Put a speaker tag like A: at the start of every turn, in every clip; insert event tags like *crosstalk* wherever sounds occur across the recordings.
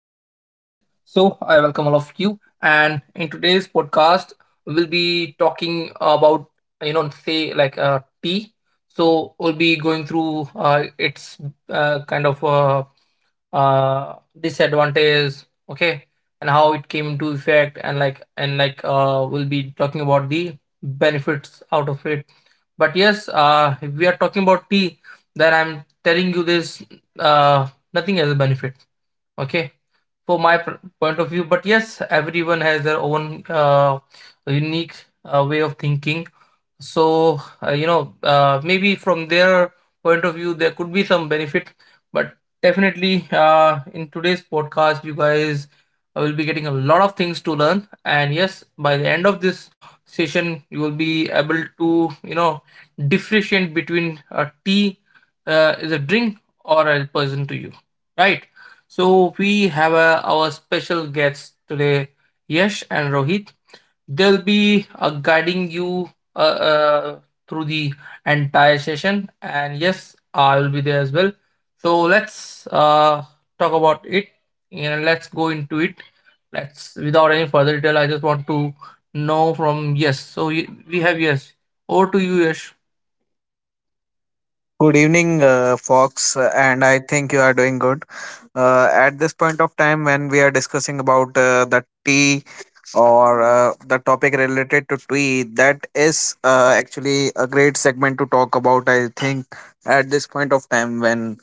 A: you. And in today's podcast, we'll be talking about, you know, say like tea. So, we'll be going through its uh, kind of uh, uh, disadvantage, okay, and how it came into effect, and we'll be talking about the benefits out of it. But yes, if we are talking about tea, then I'm telling you, this uh, nothing as a benefit, okay, for my point of view. But yes, everyone has their own unique way of thinking. So maybe from their point of view there could be some benefit, but definitely in today's podcast, you guys will be getting a lot of things to learn, and yes, by the end of this session, you will be able to, you know, differentiate between tea is a drink or a person to you, right? So we have our special guests today, Yash and Rohit. They'll be guiding you uh, through the entire session, and yes, I will be there as well. So let's talk about it and let's go into it. Let's, without any further detail, I just want to know from yes. We have yes. Over to you, Yash.
B: Good evening, Fox, and I think you are doing good. At this point of time, when we are discussing about the tea or the topic related to tea, that is actually a great segment to talk about. I think at this point of time, when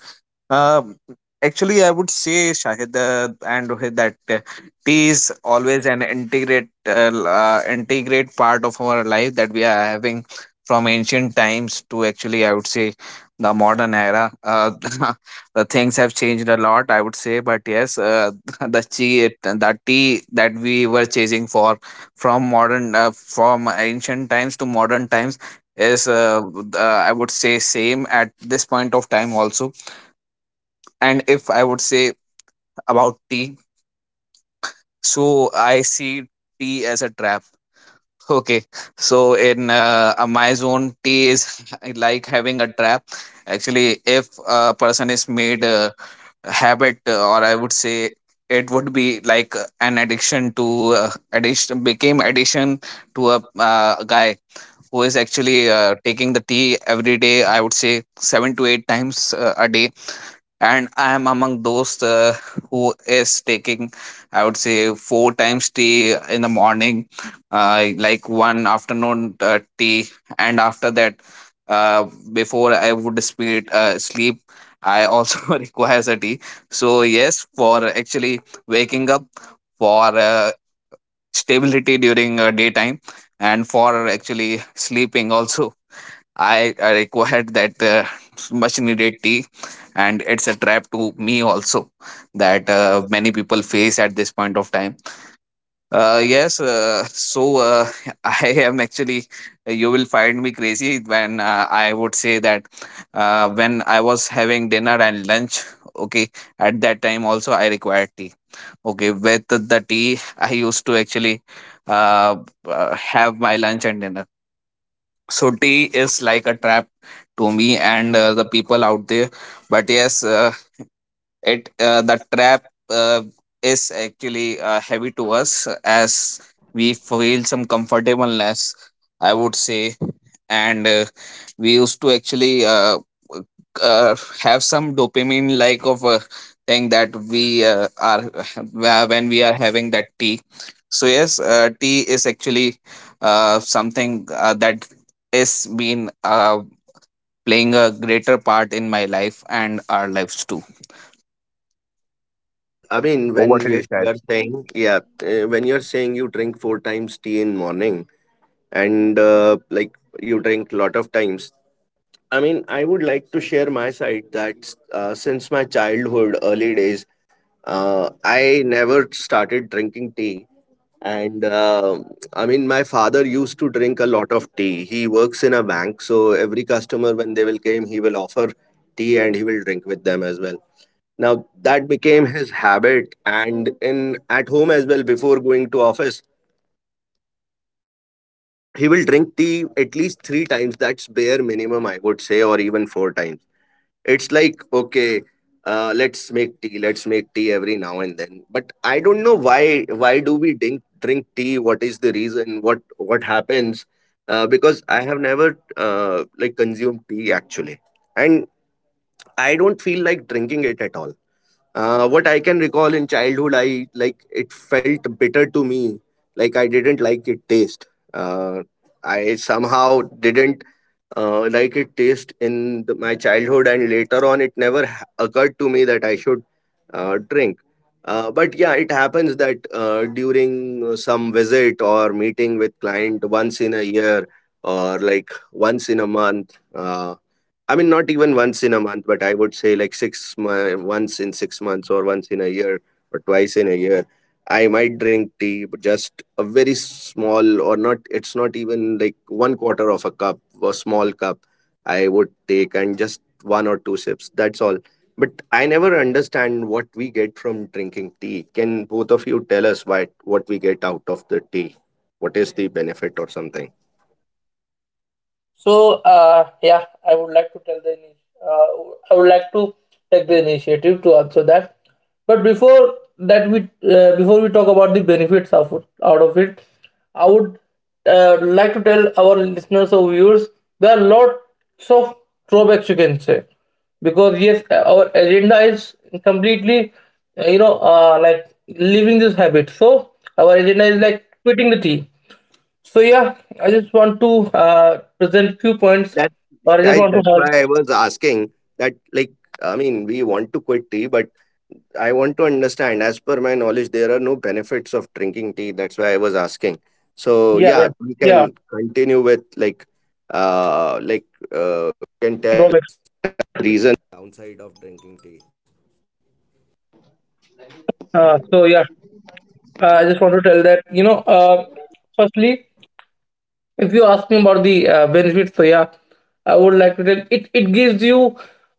B: um, actually, I would say Shahid and Rohit that tea is always an integrate part of our life that we are having from ancient times to actually, I would say, the modern era. *laughs* The things have changed a lot, I would say, but yes, *laughs* the tea that we were chasing for from modern from ancient times to modern times is I would say same at this point of time also. And if I would say about tea, so I see tea as a trap. *laughs* Okay, so in my zone, tea is *laughs* like having a trap. Actually, if a person is made a habit, or I would say it would be like an addiction to a guy who is actually taking the tea every day. I would say 7 to 8 times a day, and I am among those who is taking, I would say, 4 times tea in the morning, like one afternoon tea, and after that, before I would sleep, I also *laughs* requires a tea. So yes, for actually waking up, for stability during daytime, and for actually sleeping also. I required that *laughs* much needed tea, and it's a trap to me also that many people face at this point of time. Yes, so *laughs* I am actually, you will find me crazy when I would say that when I was having dinner and lunch, okay, at that time also I required tea. Okay, with the tea, I used to actually uh, have my lunch and dinner, so tea is like a trap to me and the people out there, but yes, it the trap is actually heavy to us, as we feel some comfortableness, I would say. And we used to actually uh, have some dopamine like of a thing that we are *laughs* when we are having that tea. So yes, tea is actually something that is been playing a greater part in my life and our lives too.
C: So, I mean, when
B: Over to
C: you
B: you.
C: you are saying, yeah, when you're saying you drink four times tea in morning and like you drink lot of times, I mean, I would like to share my side that since my childhood, early days, I never started drinking tea. And I mean, my father used to drink a lot of tea. He works in a bank, so every customer, when they will came, he will offer tea and he will drink with them as well. Now that became his habit, and in at home as well. Before going to office, he will drink tea at least three times. That's bare minimum, I would say, or even four times. It's like okay, let's make tea. Let's make tea every now and then. But I don't know why. Why do we drink tea? What is the reason? What happens? Because I have never like consumed tea actually, and I don't feel like drinking it at all. What I can recall in childhood, I like it felt bitter to me. Like I didn't like it taste. Uh, I somehow didn't like it taste in the, my childhood, and later on, it never occurred to me that I should drink. But yeah, it happens that during some visit or meeting with client once in a year or like once in a month. I mean, not even once in a month, but I would say like once in 6 months or once in a year or twice in a year. I might drink tea, but just a very small or not. It's not even like one quarter of a cup, a small cup. I would take and just one or two sips. That's all. But I never understand what we get from drinking tea. Can both of you tell us why what we get out of the tea? What is the benefit or something?
A: So yeah, I would like to tell the I would like to take the initiative to answer that. But before that, we before we talk about the benefits of out of it, I would like to tell our listeners or viewers there are lots of drawbacks, you can say, because yes, our agenda is completely like leaving this habit. So our agenda is like quitting the tea. So yeah, I just want to present few
C: Yeah,
A: points,
C: that
A: or I just
C: Shahid,
A: want to
C: that's
A: have.
C: why I was asking that like I mean we want to quit tea, but I want to understand as per my knowledge there are no benefits of drinking tea. That's why I was asking. So
A: Yeah, yeah,
C: yeah, we
A: yeah,
C: can continue with like uh like
A: drawbacks. So yeah, I just want to tell that, you know, firstly, if you ask me about the benefits, so yeah, I would like to tell, it gives you,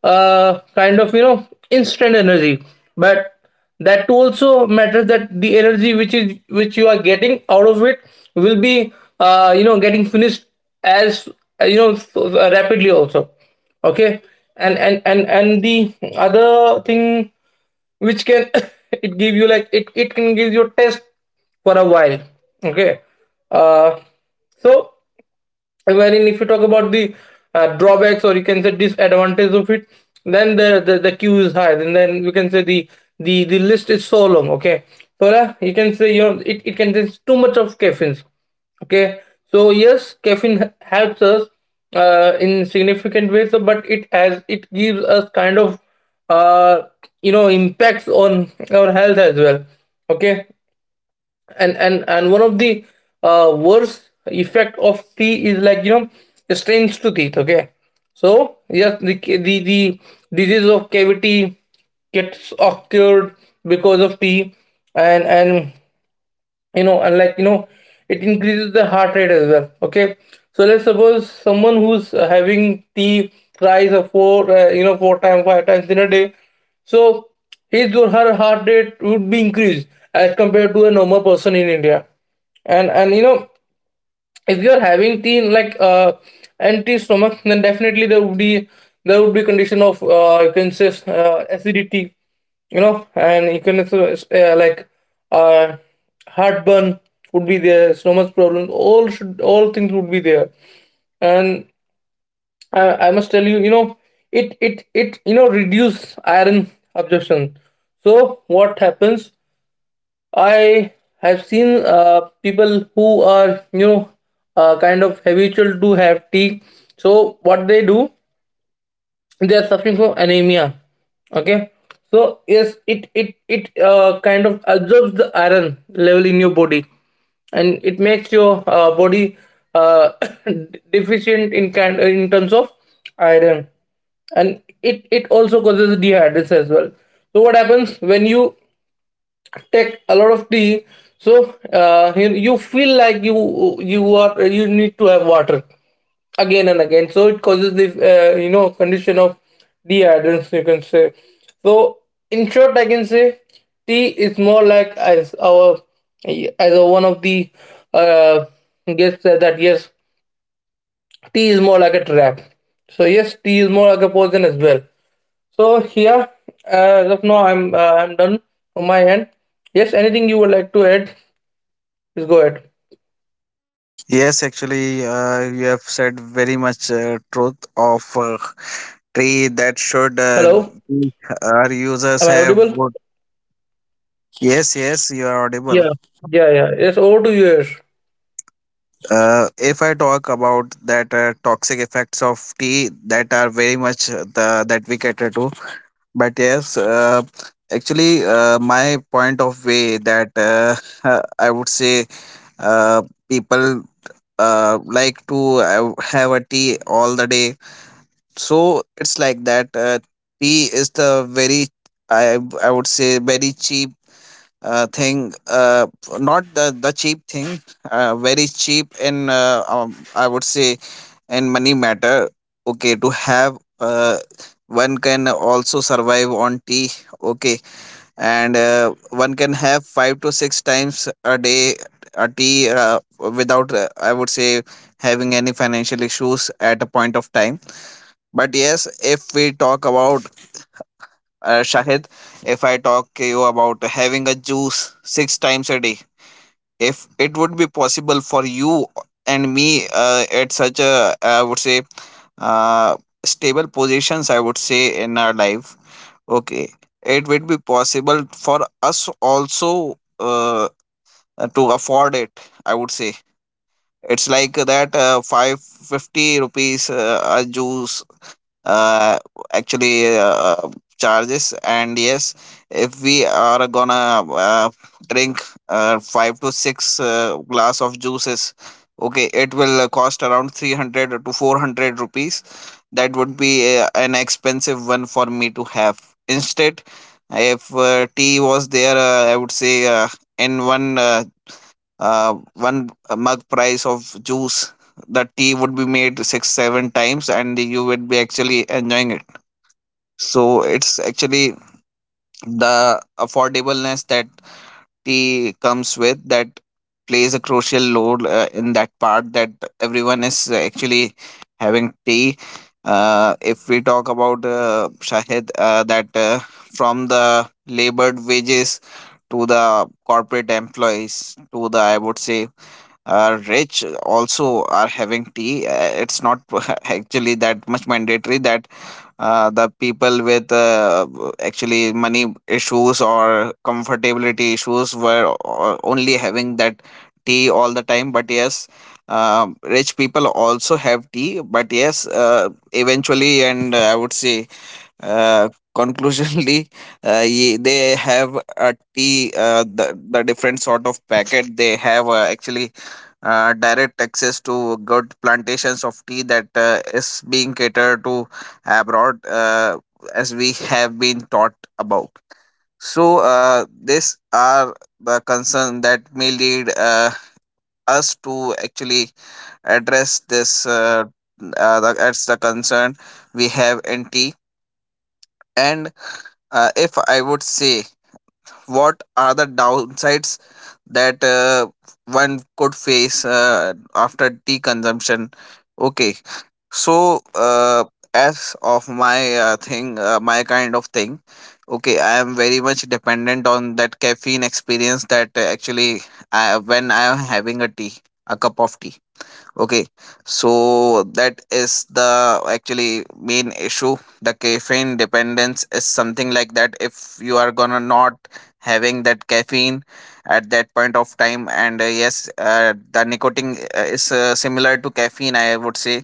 A: kind of, you know, instant energy, but that too also matters, that the energy which is, which you are getting out of it will be, you know, getting finished as, you know, so, so rapidly also, okay. And the other thing which can, *laughs* it give you, like, it can give you a test for a while, okay. Uh so wherein, if you talk about the drawbacks, or you can say disadvantage of it, then the the queue is high, and then you can say the list is so long, okay. So yeah, you can say, you know, it contains too much of caffeine, okay. So yes, caffeine helps us in significant ways, so- but it has, it gives us kind of, uh, you know, impacts on our health as well, okay. And one of the worst effect of tea is, like, you know, it strains to teeth, okay. So yes, the disease of cavity gets occurred because of tea. And you know, and like, you know, it increases the heart rate as well, okay. So let's suppose someone who's having tea thrice, or four four times, five times in a day, so his or her heart rate would be increased as compared to a normal person in India. And you know, if you're having tea like empty stomach, then definitely there would be condition of, you can say, acidity, you know. And you can also, like uh heartburn would be there, stomach problem, all things would be there. And I must tell you, you know, it you know, reduce iron absorption. So what happens, I have seen people who are, you know, kind of habitual to have tea. So what they do, they are suffering from anemia. Okay, so yes, it kind of absorbs the iron level in your body, and it makes your body uh, *coughs* deficient in kind in terms of iron. And it also causes dehydration as well. So what happens when you take a lot of tea, so you feel like you are, you need to have water again and again. So it causes the, you know, condition of dehydration, you can say. So in short, I can say, tea is more like as our, as a, one of the uh, guests said, that yes, tea is more like a trap. So yes, tea is more like a poison as well. So here, as of now, I'm done on my end. Yes, anything you would like to add? Please go ahead.
B: Yes, actually, you have said very much truth of tree that should
A: Hello,
B: be- our users
A: am I
B: have.
A: audible?
B: Would. Yes, yes, you are audible.
A: Yeah, yeah, yeah. Yes, over to you, Yash.
B: If I talk about that toxic effects of tea that are very much the that we cater to, but yes, actually, my point of way that *laughs* I would say uh, people like to have a tea all the day. So it's like that. Tea is the very, I would say, very cheap thing. Not the cheap thing. Very cheap in I would say, in money matter. Okay, to have one can also survive on tea. Okay, and one can have 5 to 6 times a day a tea without I would say having any financial issues at a point of time. But yes, if we talk about Shahid, if I talk to you about having a juice 6 times a day, if it would be possible for you and me at such a, I would say, uh, stable positions, I would say, in our life, okay, it would be possible for us also to afford it, I would say. It's like that 550 rupees a juice uh, actually charges, and yes, if we are gonna drink 5 to 6 glass of juices, okay, it will cost around 300 to 400 rupees. That would be an expensive one for me to have. Instead, if tea was there, I would say, in one mug price of juice, the tea would be made 6 7 times, and you would be actually enjoying it. So it's actually the affordableness that tea comes with that plays a crucial role in that part, that everyone is actually having tea. If we talk about Shahid, that from the labored wages to the corporate employees to the, I would say, rich also are having tea. It's not *laughs* actually that much mandatory that the people with actually money issues or comfortability issues were only having that tea all the time. But yes, rich people also have tea. But yes, eventually, and I would say uh, conclusionally, *laughs* they have a tea, the, different sort of packet. They have actually direct access to good plantations of tea that is being catered to abroad, as we have been taught about. So, these are the concern that may lead us to actually address this, that's the concern we have in tea. And if I would say, what are the downsides that one could face after tea consumption? Okay, so as of my thing, my kind of thing, okay, I am very much dependent on that caffeine experience that actually, when I am having a tea, a cup of tea. Okay, so that is the actually main issue. The caffeine dependence is something like that. If you are gonna not having that caffeine at that point of time, and yes, the nicotine is similar to caffeine, I would say.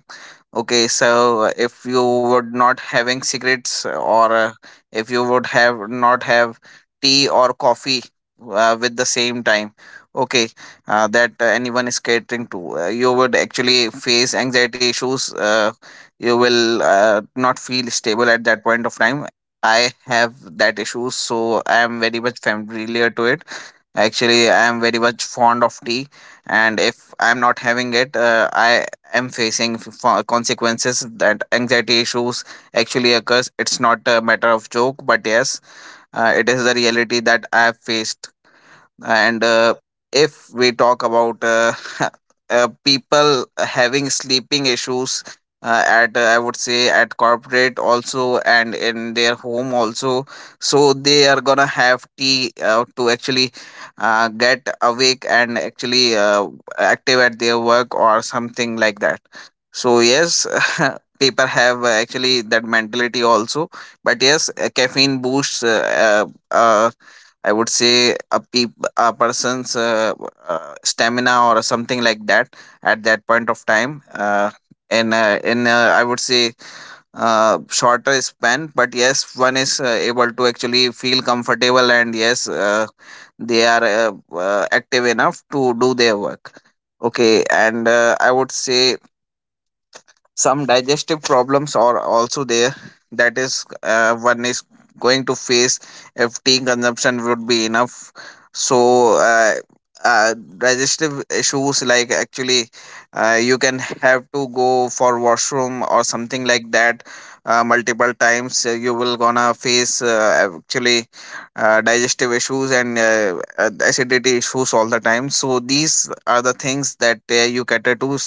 B: Okay, so if you would not having cigarettes or if you would have not have tea or coffee with the same time, okay, that anyone is catering to, you would actually face anxiety issues. You will not feel stable at that point of time. I have that issue, so I am very much familiar to it. Actually, I am very much fond of tea, and if I am not having it, I am facing consequences that anxiety issues actually occurs. It's not a matter of joke, but yes, it is the reality that I have faced. And if we talk about, *laughs* people having sleeping issues at, I would say, at corporate also, and in their home also, so they are gonna have tea to actually get awake and actually active at their work or something like that. So yes, *laughs* people have actually that mentality also. But yes, caffeine boosts uh, uh, I would say a peop a person's stamina or something like that at that point of time. In I would say shorter span, but yes, one is able to actually feel comfortable, and yes, they are active enough to do their work. Okay, and I would say, some digestive problems are also there, that is one is going to face if tea consumption would be enough. So uh, digestive issues, like actually you can have to go for washroom or something like that multiple times, you will gonna face actually digestive issues and acidity issues all the time. So these are the things that you cater to.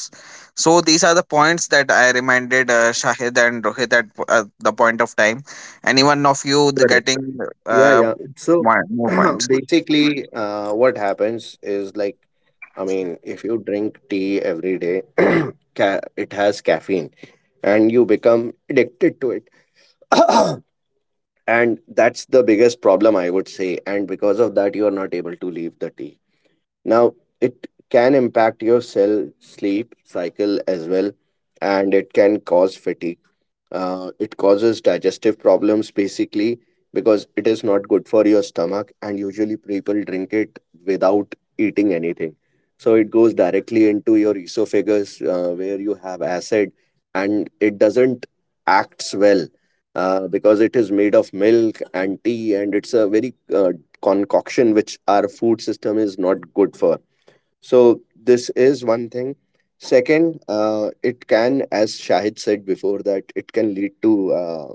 B: So these are the points that I reminded Shahid and Rohit at the point of time. Anyone of you the
C: Correct.
B: getting
C: Yeah,
B: uh,
C: yeah. So
B: more
C: *clears throat*
B: points?
C: basically, what happens is like, I mean, if you drink tea every day, *clears throat* it has caffeine and you become addicted to it. *clears throat* And that's the biggest problem, I would say. And because of that, you are not able to leave the tea. Now, it can impact your cell sleep cycle as well, and it can cause fatigue. Uh, it causes digestive problems basically because it is not good for your stomach, and usually people drink it without eating anything. So it goes directly into your esophagus where you have acid, and it doesn't acts well because it is made of milk and tea, and it's a very concoction which our food system is not good for. So this is one thing. Second, it can, as Shahid said before, that it can lead to uh,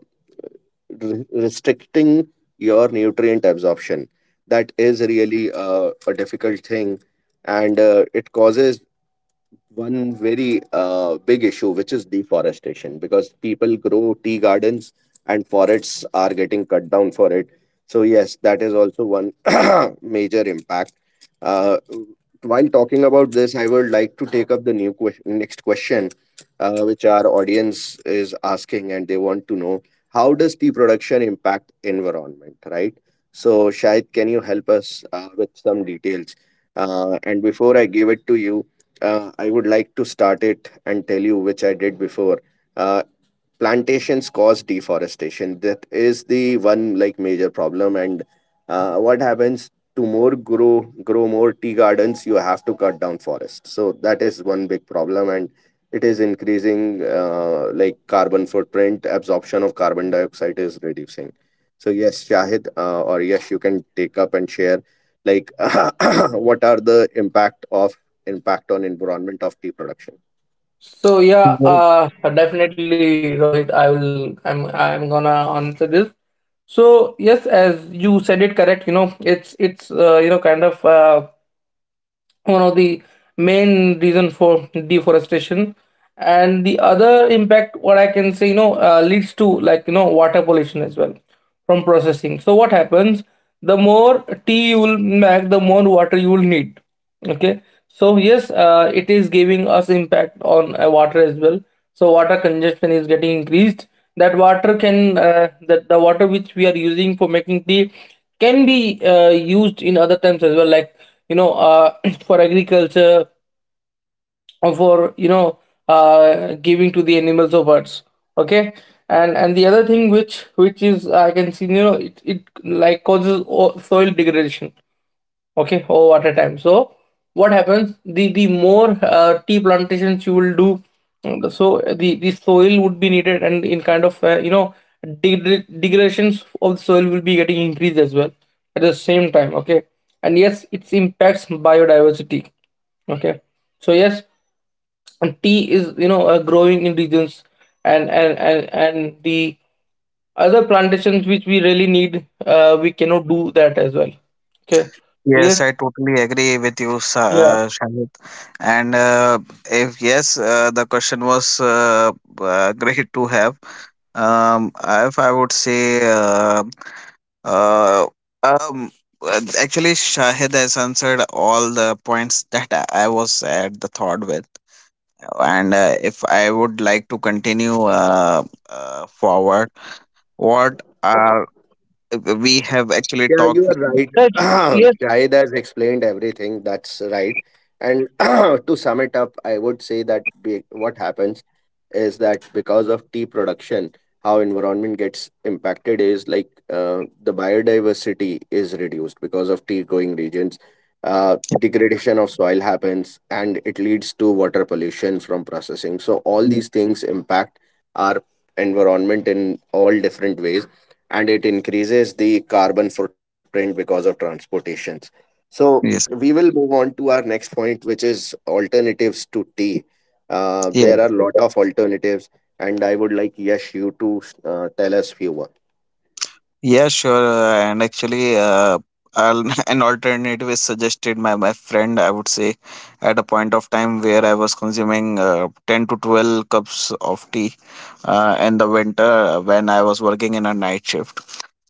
C: re- restricting your nutrient absorption. That is really a difficult thing, and it causes one very big issue, which is deforestation, because people grow tea gardens and forests are getting cut down for it. So, yes, that is also one *coughs* *clears throat* major impact. Uh, while talking about this, I would like to take up the new question, next question, which our audience is asking, and they want to know how does tea production impact environment, right? So, Shahid, can you help us with some details? And before I give it to you, I would like to start it and tell you, which I did before. Uh, Plantations cause deforestation. That is the one like major problem. And what happens to more grow more tea gardens? You have to cut down forests. So that is one big problem, and it is increasing like carbon footprint. Absorption of carbon dioxide is reducing. So yes, Shahid or yes, you can take up and share like *coughs* *clears throat* what are the impact on environment of tea production.
A: So yeah,
B: Well,
A: definitely, Rohit. I will. I'm gonna answer this. So yes, as you said, it correct. You know, it's you know, kind of one of the main reason for deforestation. And the other impact, what I can say, you know, leads to, like, you know, water pollution as well from processing. So what happens, the more tea you will make, the more water you will need, okay. So yes, it is giving us impact on water as well. So water congestion is getting increased. That water can, that the water which we are using for making tea can be used in other times as well, like, you know, *clears throat* for agriculture, or for, you know, giving to the animals or birds, okay. And the other thing which, is, I can see, you know, it like causes soil degradation. Okay, oh, at a time. So, what happens? The more tea plantations you will do, mm, so the soil would be needed, and in kind of, you know, degradations of the soil will be getting increased as well at the same time. Okay, and yes, it impacts biodiversity. Okay, so yes, and tea is, you know, growing in regions, and the other plantations which we really need, we cannot do that as well. Okay, so,
B: yes, I totally agree with you,
A: yes.
B: Shahid. And if yes, the question was great to have. If I would say, uh, um, actually, Shahid has answered all the points that I was at the thought with. And if I would like to continue forward, what are we have actually
C: Yeah, you
B: talked?
C: are right.
A: Right.
C: *clears throat*
A: Yes,
C: Shahid has explained everything. That's right. And *clears throat* to sum it up, I would say that what happens is that because of tea production, how environment gets impacted is like the biodiversity is reduced because of tea growing regions. Degradation of soil happens and it leads to water pollution from processing. So all these
B: *laughs*
C: things impact our environment in all different ways and it increases the carbon footprint because of transportations. So we
B: Yes,
C: will move on to our next point, which is alternatives to tea.
B: yeah,
C: There are a lot of alternatives, and I would like Yash you to tell us few one.
B: yeah, sure. And actually, *laughs* an alternative is suggested by my friend. I would say, at a point of time where I was consuming 10 to 12 cups of tea in the winter when I was working in a night shift.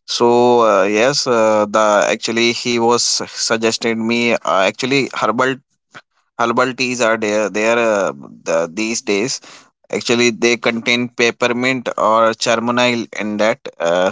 B: So yes, the actually he was suggested me. Actually, herbal teas are there these days. Actually, they contain peppermint or chamomile in that,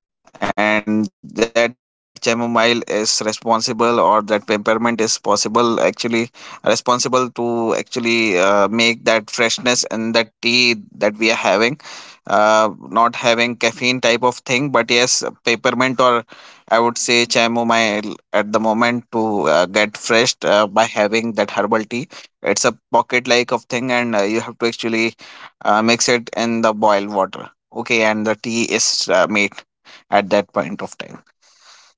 B: and that chamomile is responsible, or that peppermint is possible, actually responsible to actually make that freshness in that tea that we are having, not having caffeine type of thing, but yes, peppermint or I would say chamomile at the moment to get fresh by having that herbal tea. It's a pocket like of thing, and you have to actually mix it in the boiled water, okay, and the tea is made at that point of time.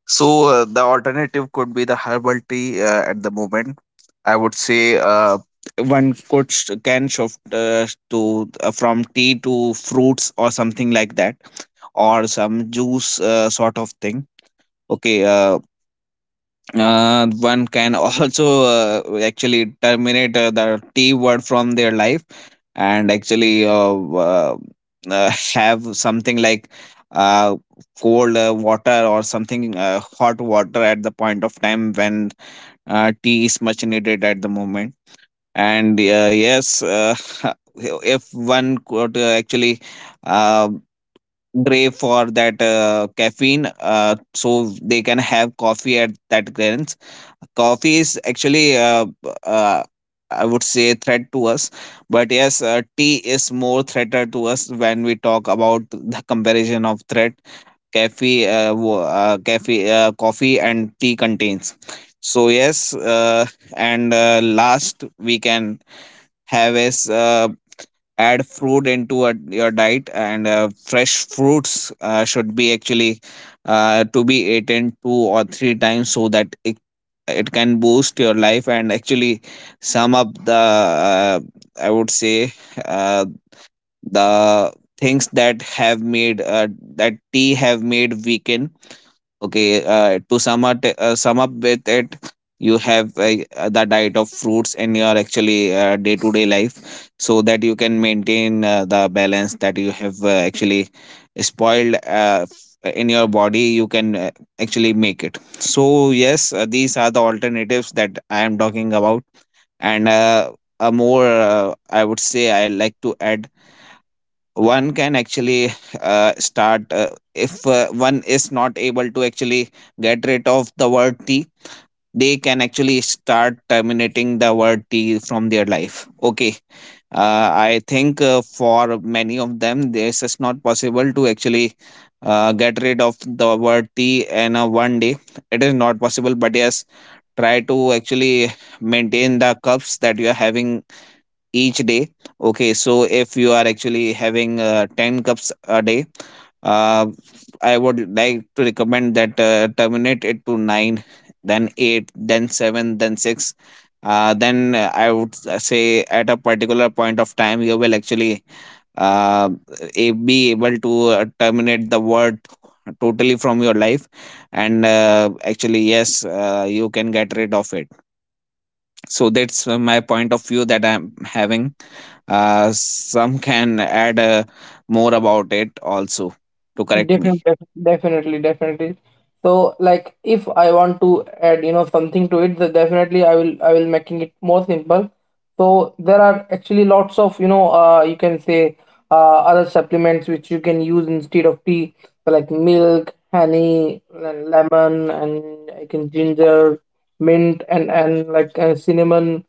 B: So the alternative could be the herbal tea at the moment. I would say one could can shift to from tea to fruits or something like that, or some juice sort of thing. Okay. One can *laughs* also actually terminate the T word from their life, and actually *laughs* have something like uh, cold water or something, hot water at the point of time when tea is much needed at the moment. And yes, *laughs* if one could actually uh, Gray for that caffeine, so they can have coffee at that grants. Coffee is actually, I would say, threat to us, but yes, tea is more threater to us when we talk about the comparison of threat. Caffeine, caffeine, coffee, and tea contains. So yes, and last we can have is add fruit into a, your diet, and fresh fruits should be actually to be eaten two or three times so that it can boost your life, and actually sum up the I would say uh, the things that have made that tea have made weekend. Okay, to sum up with it, you have the diet of fruits in your actually day-to-day life, so that you can maintain the balance that you have actually spoiled, in your body. You can actually make it. So yes, these are the alternatives that I am talking about, and a more, I would say I like to add. One can actually start if one is not able to actually get rid of the word tea, they can actually start terminating the word tea from their life. Okay, I think for many of them this is not possible to actually get rid of the word tea in a one day. It is not possible, but yes, try to actually maintain the cups that you are having each day. Okay, so if you are actually having 10 cups a day, uh, I would like to recommend that terminate it to 9, then 8, then 7, then 6. Then I would say at a particular point of time, you will actually uh, be able to terminate the word totally from your life. And actually, yes, you can get rid of it. So that's my point of view that I'm having. Some can add more about it also to correct me.
A: definitely, definitely, definitely. So, like, if I want to add, you know, something to it, then definitely I will making it more simple. So there are actually lots of, you know, you can say, other supplements which you can use instead of tea, so like milk, honey, lemon, and I can ginger, mint, and like cinnamon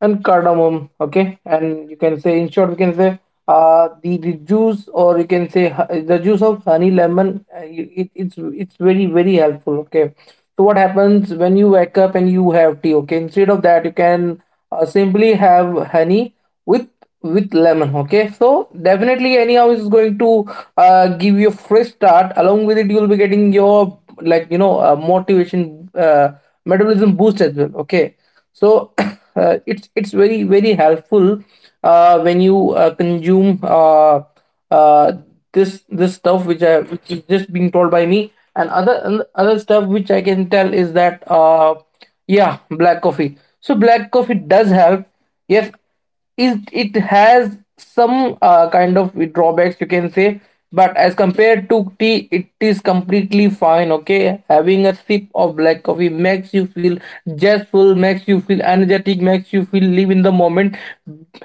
A: and cardamom, okay. And you can say, in short, we can say the juice, or you can say the juice of honey lemon, it, it's very very helpful, okay. So what happens, when you wake up and you have tea, okay, instead of that, you can simply have honey with lemon, okay. So definitely, anyhow is going to give you a fresh start. Along with it, you will be getting your, like, you know, motivation, metabolism boost as well, okay. So *coughs* it's it's very very helpful when you consume, uh, this this stuff which I which is just being told by me. And other, and other stuff which I can tell is that yeah, black coffee. So black coffee does help, yes. is it has some
C: That's right.
A: kind of
C: That's well
A: drawbacks, you
C: said
A: can
C: by
A: say,
C: Shahid.
A: but as compared to tea, it is completely fine, okay. Having a sip of black coffee makes you feel zestful, makes you feel energetic, makes you feel live in the moment,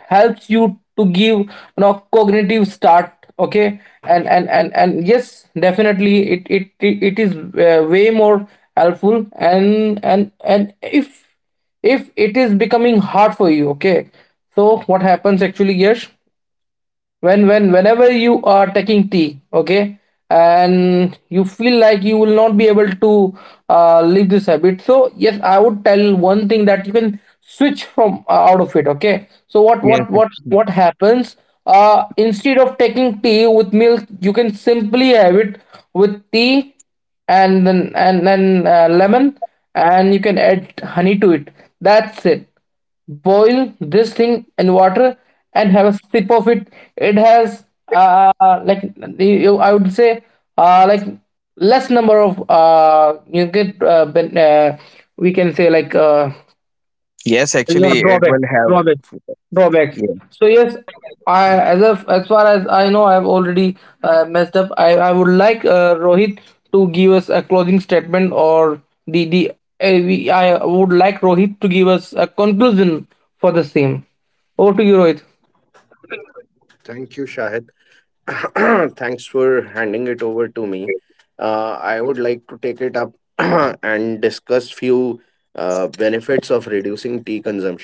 A: helps you to give, you know, cognitive start, okay. And yes, definitely, it is way more helpful. And if it is becoming hard for you, okay. So what happens actually, yes, whenever you are taking tea, okay, and you feel like you will not be able to leave this habit. So yes, I would tell one thing, that you can switch from, out of it, okay. So
B: Yes.
A: what happens, instead of taking tea with milk, you can simply have it with tea, and then lemon, and you can add honey to it, that's it. Boil this thing in water and have a sip of it. It has, like you, I would say, uh like less number of, you get, we can say, like,
B: Yes,
A: you know,
B: actually, it will have.
A: drawback drawbacks
B: Yes.
A: so yes, I as of as far as I know, I've already messed up. I would like Rohit to give us a closing statement, or I would like Rohit to give us a conclusion for the same. Over to you, Rohit.
C: Thank you, Shahid. *coughs* *clears throat* Thanks for handing it over to me. I would like to take it up *coughs* *clears throat* and discuss few benefits of reducing tea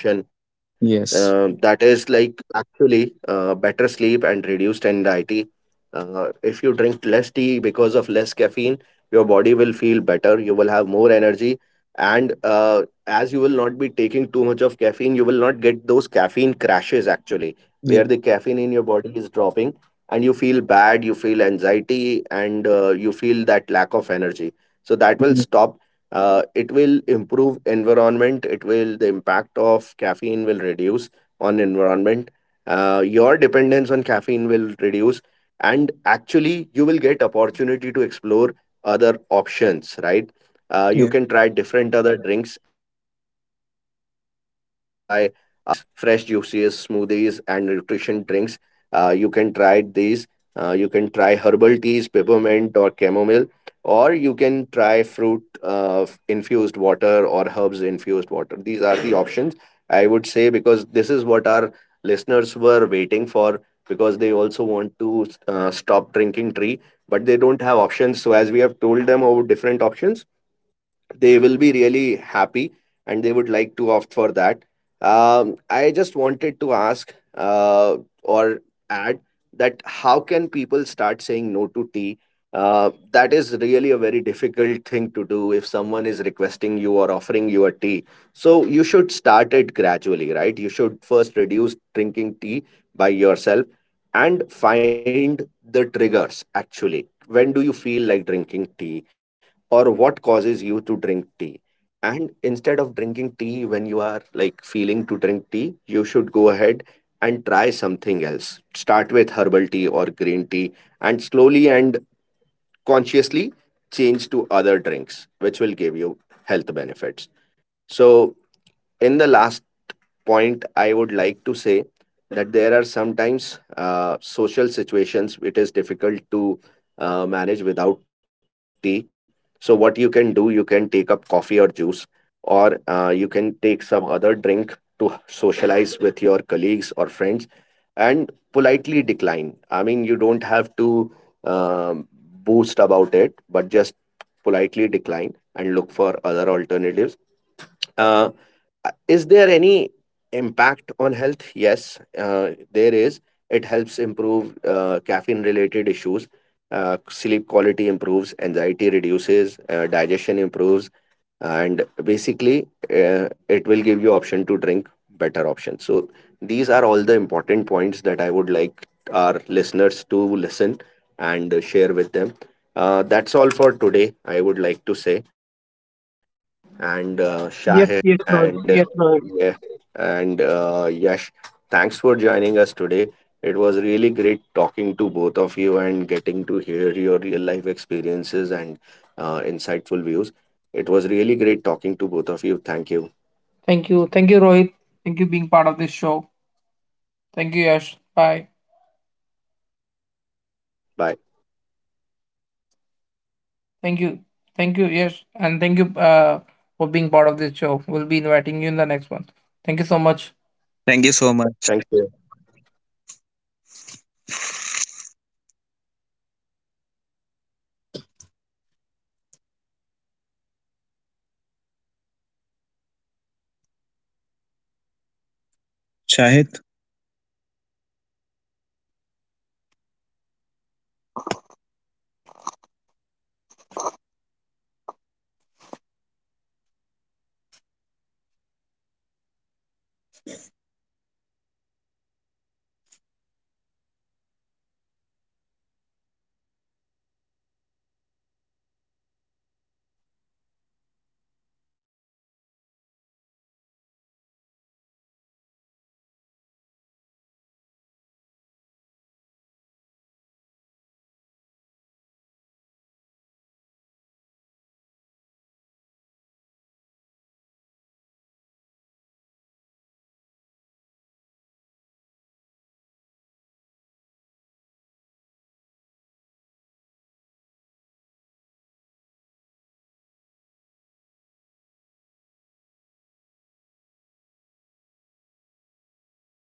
C: consumption.
B: Yes.
C: That is like actually better sleep and reduced anxiety. If you drink less tea because of less caffeine, your body will feel better. You will have more energy, and as you be taking too much of caffeine, you will not get those caffeine crashes actually, where
B: Yeah.
C: the caffeine in your body is dropping and you feel bad, you feel anxiety and you feel that lack of energy so that will stop. Uh, it will improve environment, it will the impact of caffeine will reduce on environment. Uh, your dependence on caffeine will reduce and actually you will get opportunity to explore other options, right? You
B: Yeah.
C: can try different other drinks as rightly said by our colleagues, fresh juices, smoothies and nutrition drinks. You can try these. You can try herbal teas, peppermint or chamomile, or you can try fruit infused water or herbs infused water. These are the options, I would say, because this is what our listeners were waiting for because they also want to stop drinking tea, but they don't have options. So as we have told them over different options, they will be really happy and they would like to opt for that. I just wanted to ask or add that how can people start saying no to tea? That is really a very difficult thing to do if someone is requesting you or offering you a tea. So you should start it gradually, right? You should first reduce drinking tea by yourself and find the triggers actually. When do you feel like drinking tea? Or what causes you to drink tea, and instead of drinking tea when you are like feeling to drink tea, you should go ahead and try something else. Start with herbal tea or green tea and slowly and consciously change to other drinks which will give you health benefits. So in the last point, I would like to say that there are sometimes social situations it is difficult to manage without tea. So, what you can do, you can take up coffee or juice, or you can take some other drink to socialize with your colleagues or friends and politely decline. I mean, you don't have to um, boost about it, but just politely decline and look for other alternatives. Uh, is there any impact on health? Yes, there is. It helps improve caffeine related issues. Sleep quality improves, anxiety reduces, digestion improves, and basically, it will give you option to drink better options. So these are all the important points that I would like our listeners to listen and share with them. That's all for today. I would like to say and
A: Yes,
C: Shahid
A: yes, Rohit.
C: and
A: Yes, Rohit.
C: yeah, and Yash. Thanks for joining us today. It was really great talking to both of you and getting to hear your real life experiences and insightful views. It was really great talking to both of you. Thank you.
A: Thank you, thank you, Rohit. Thank you, being part of this show. Thank you, Yash. Bye.
C: Bye.
A: Thank you. Thank you. Yes. And thank you for being part of this show. We'll be inviting you in the next one. Thank you so much.
B: Thank you so much,
C: Thank you.
B: Shahid.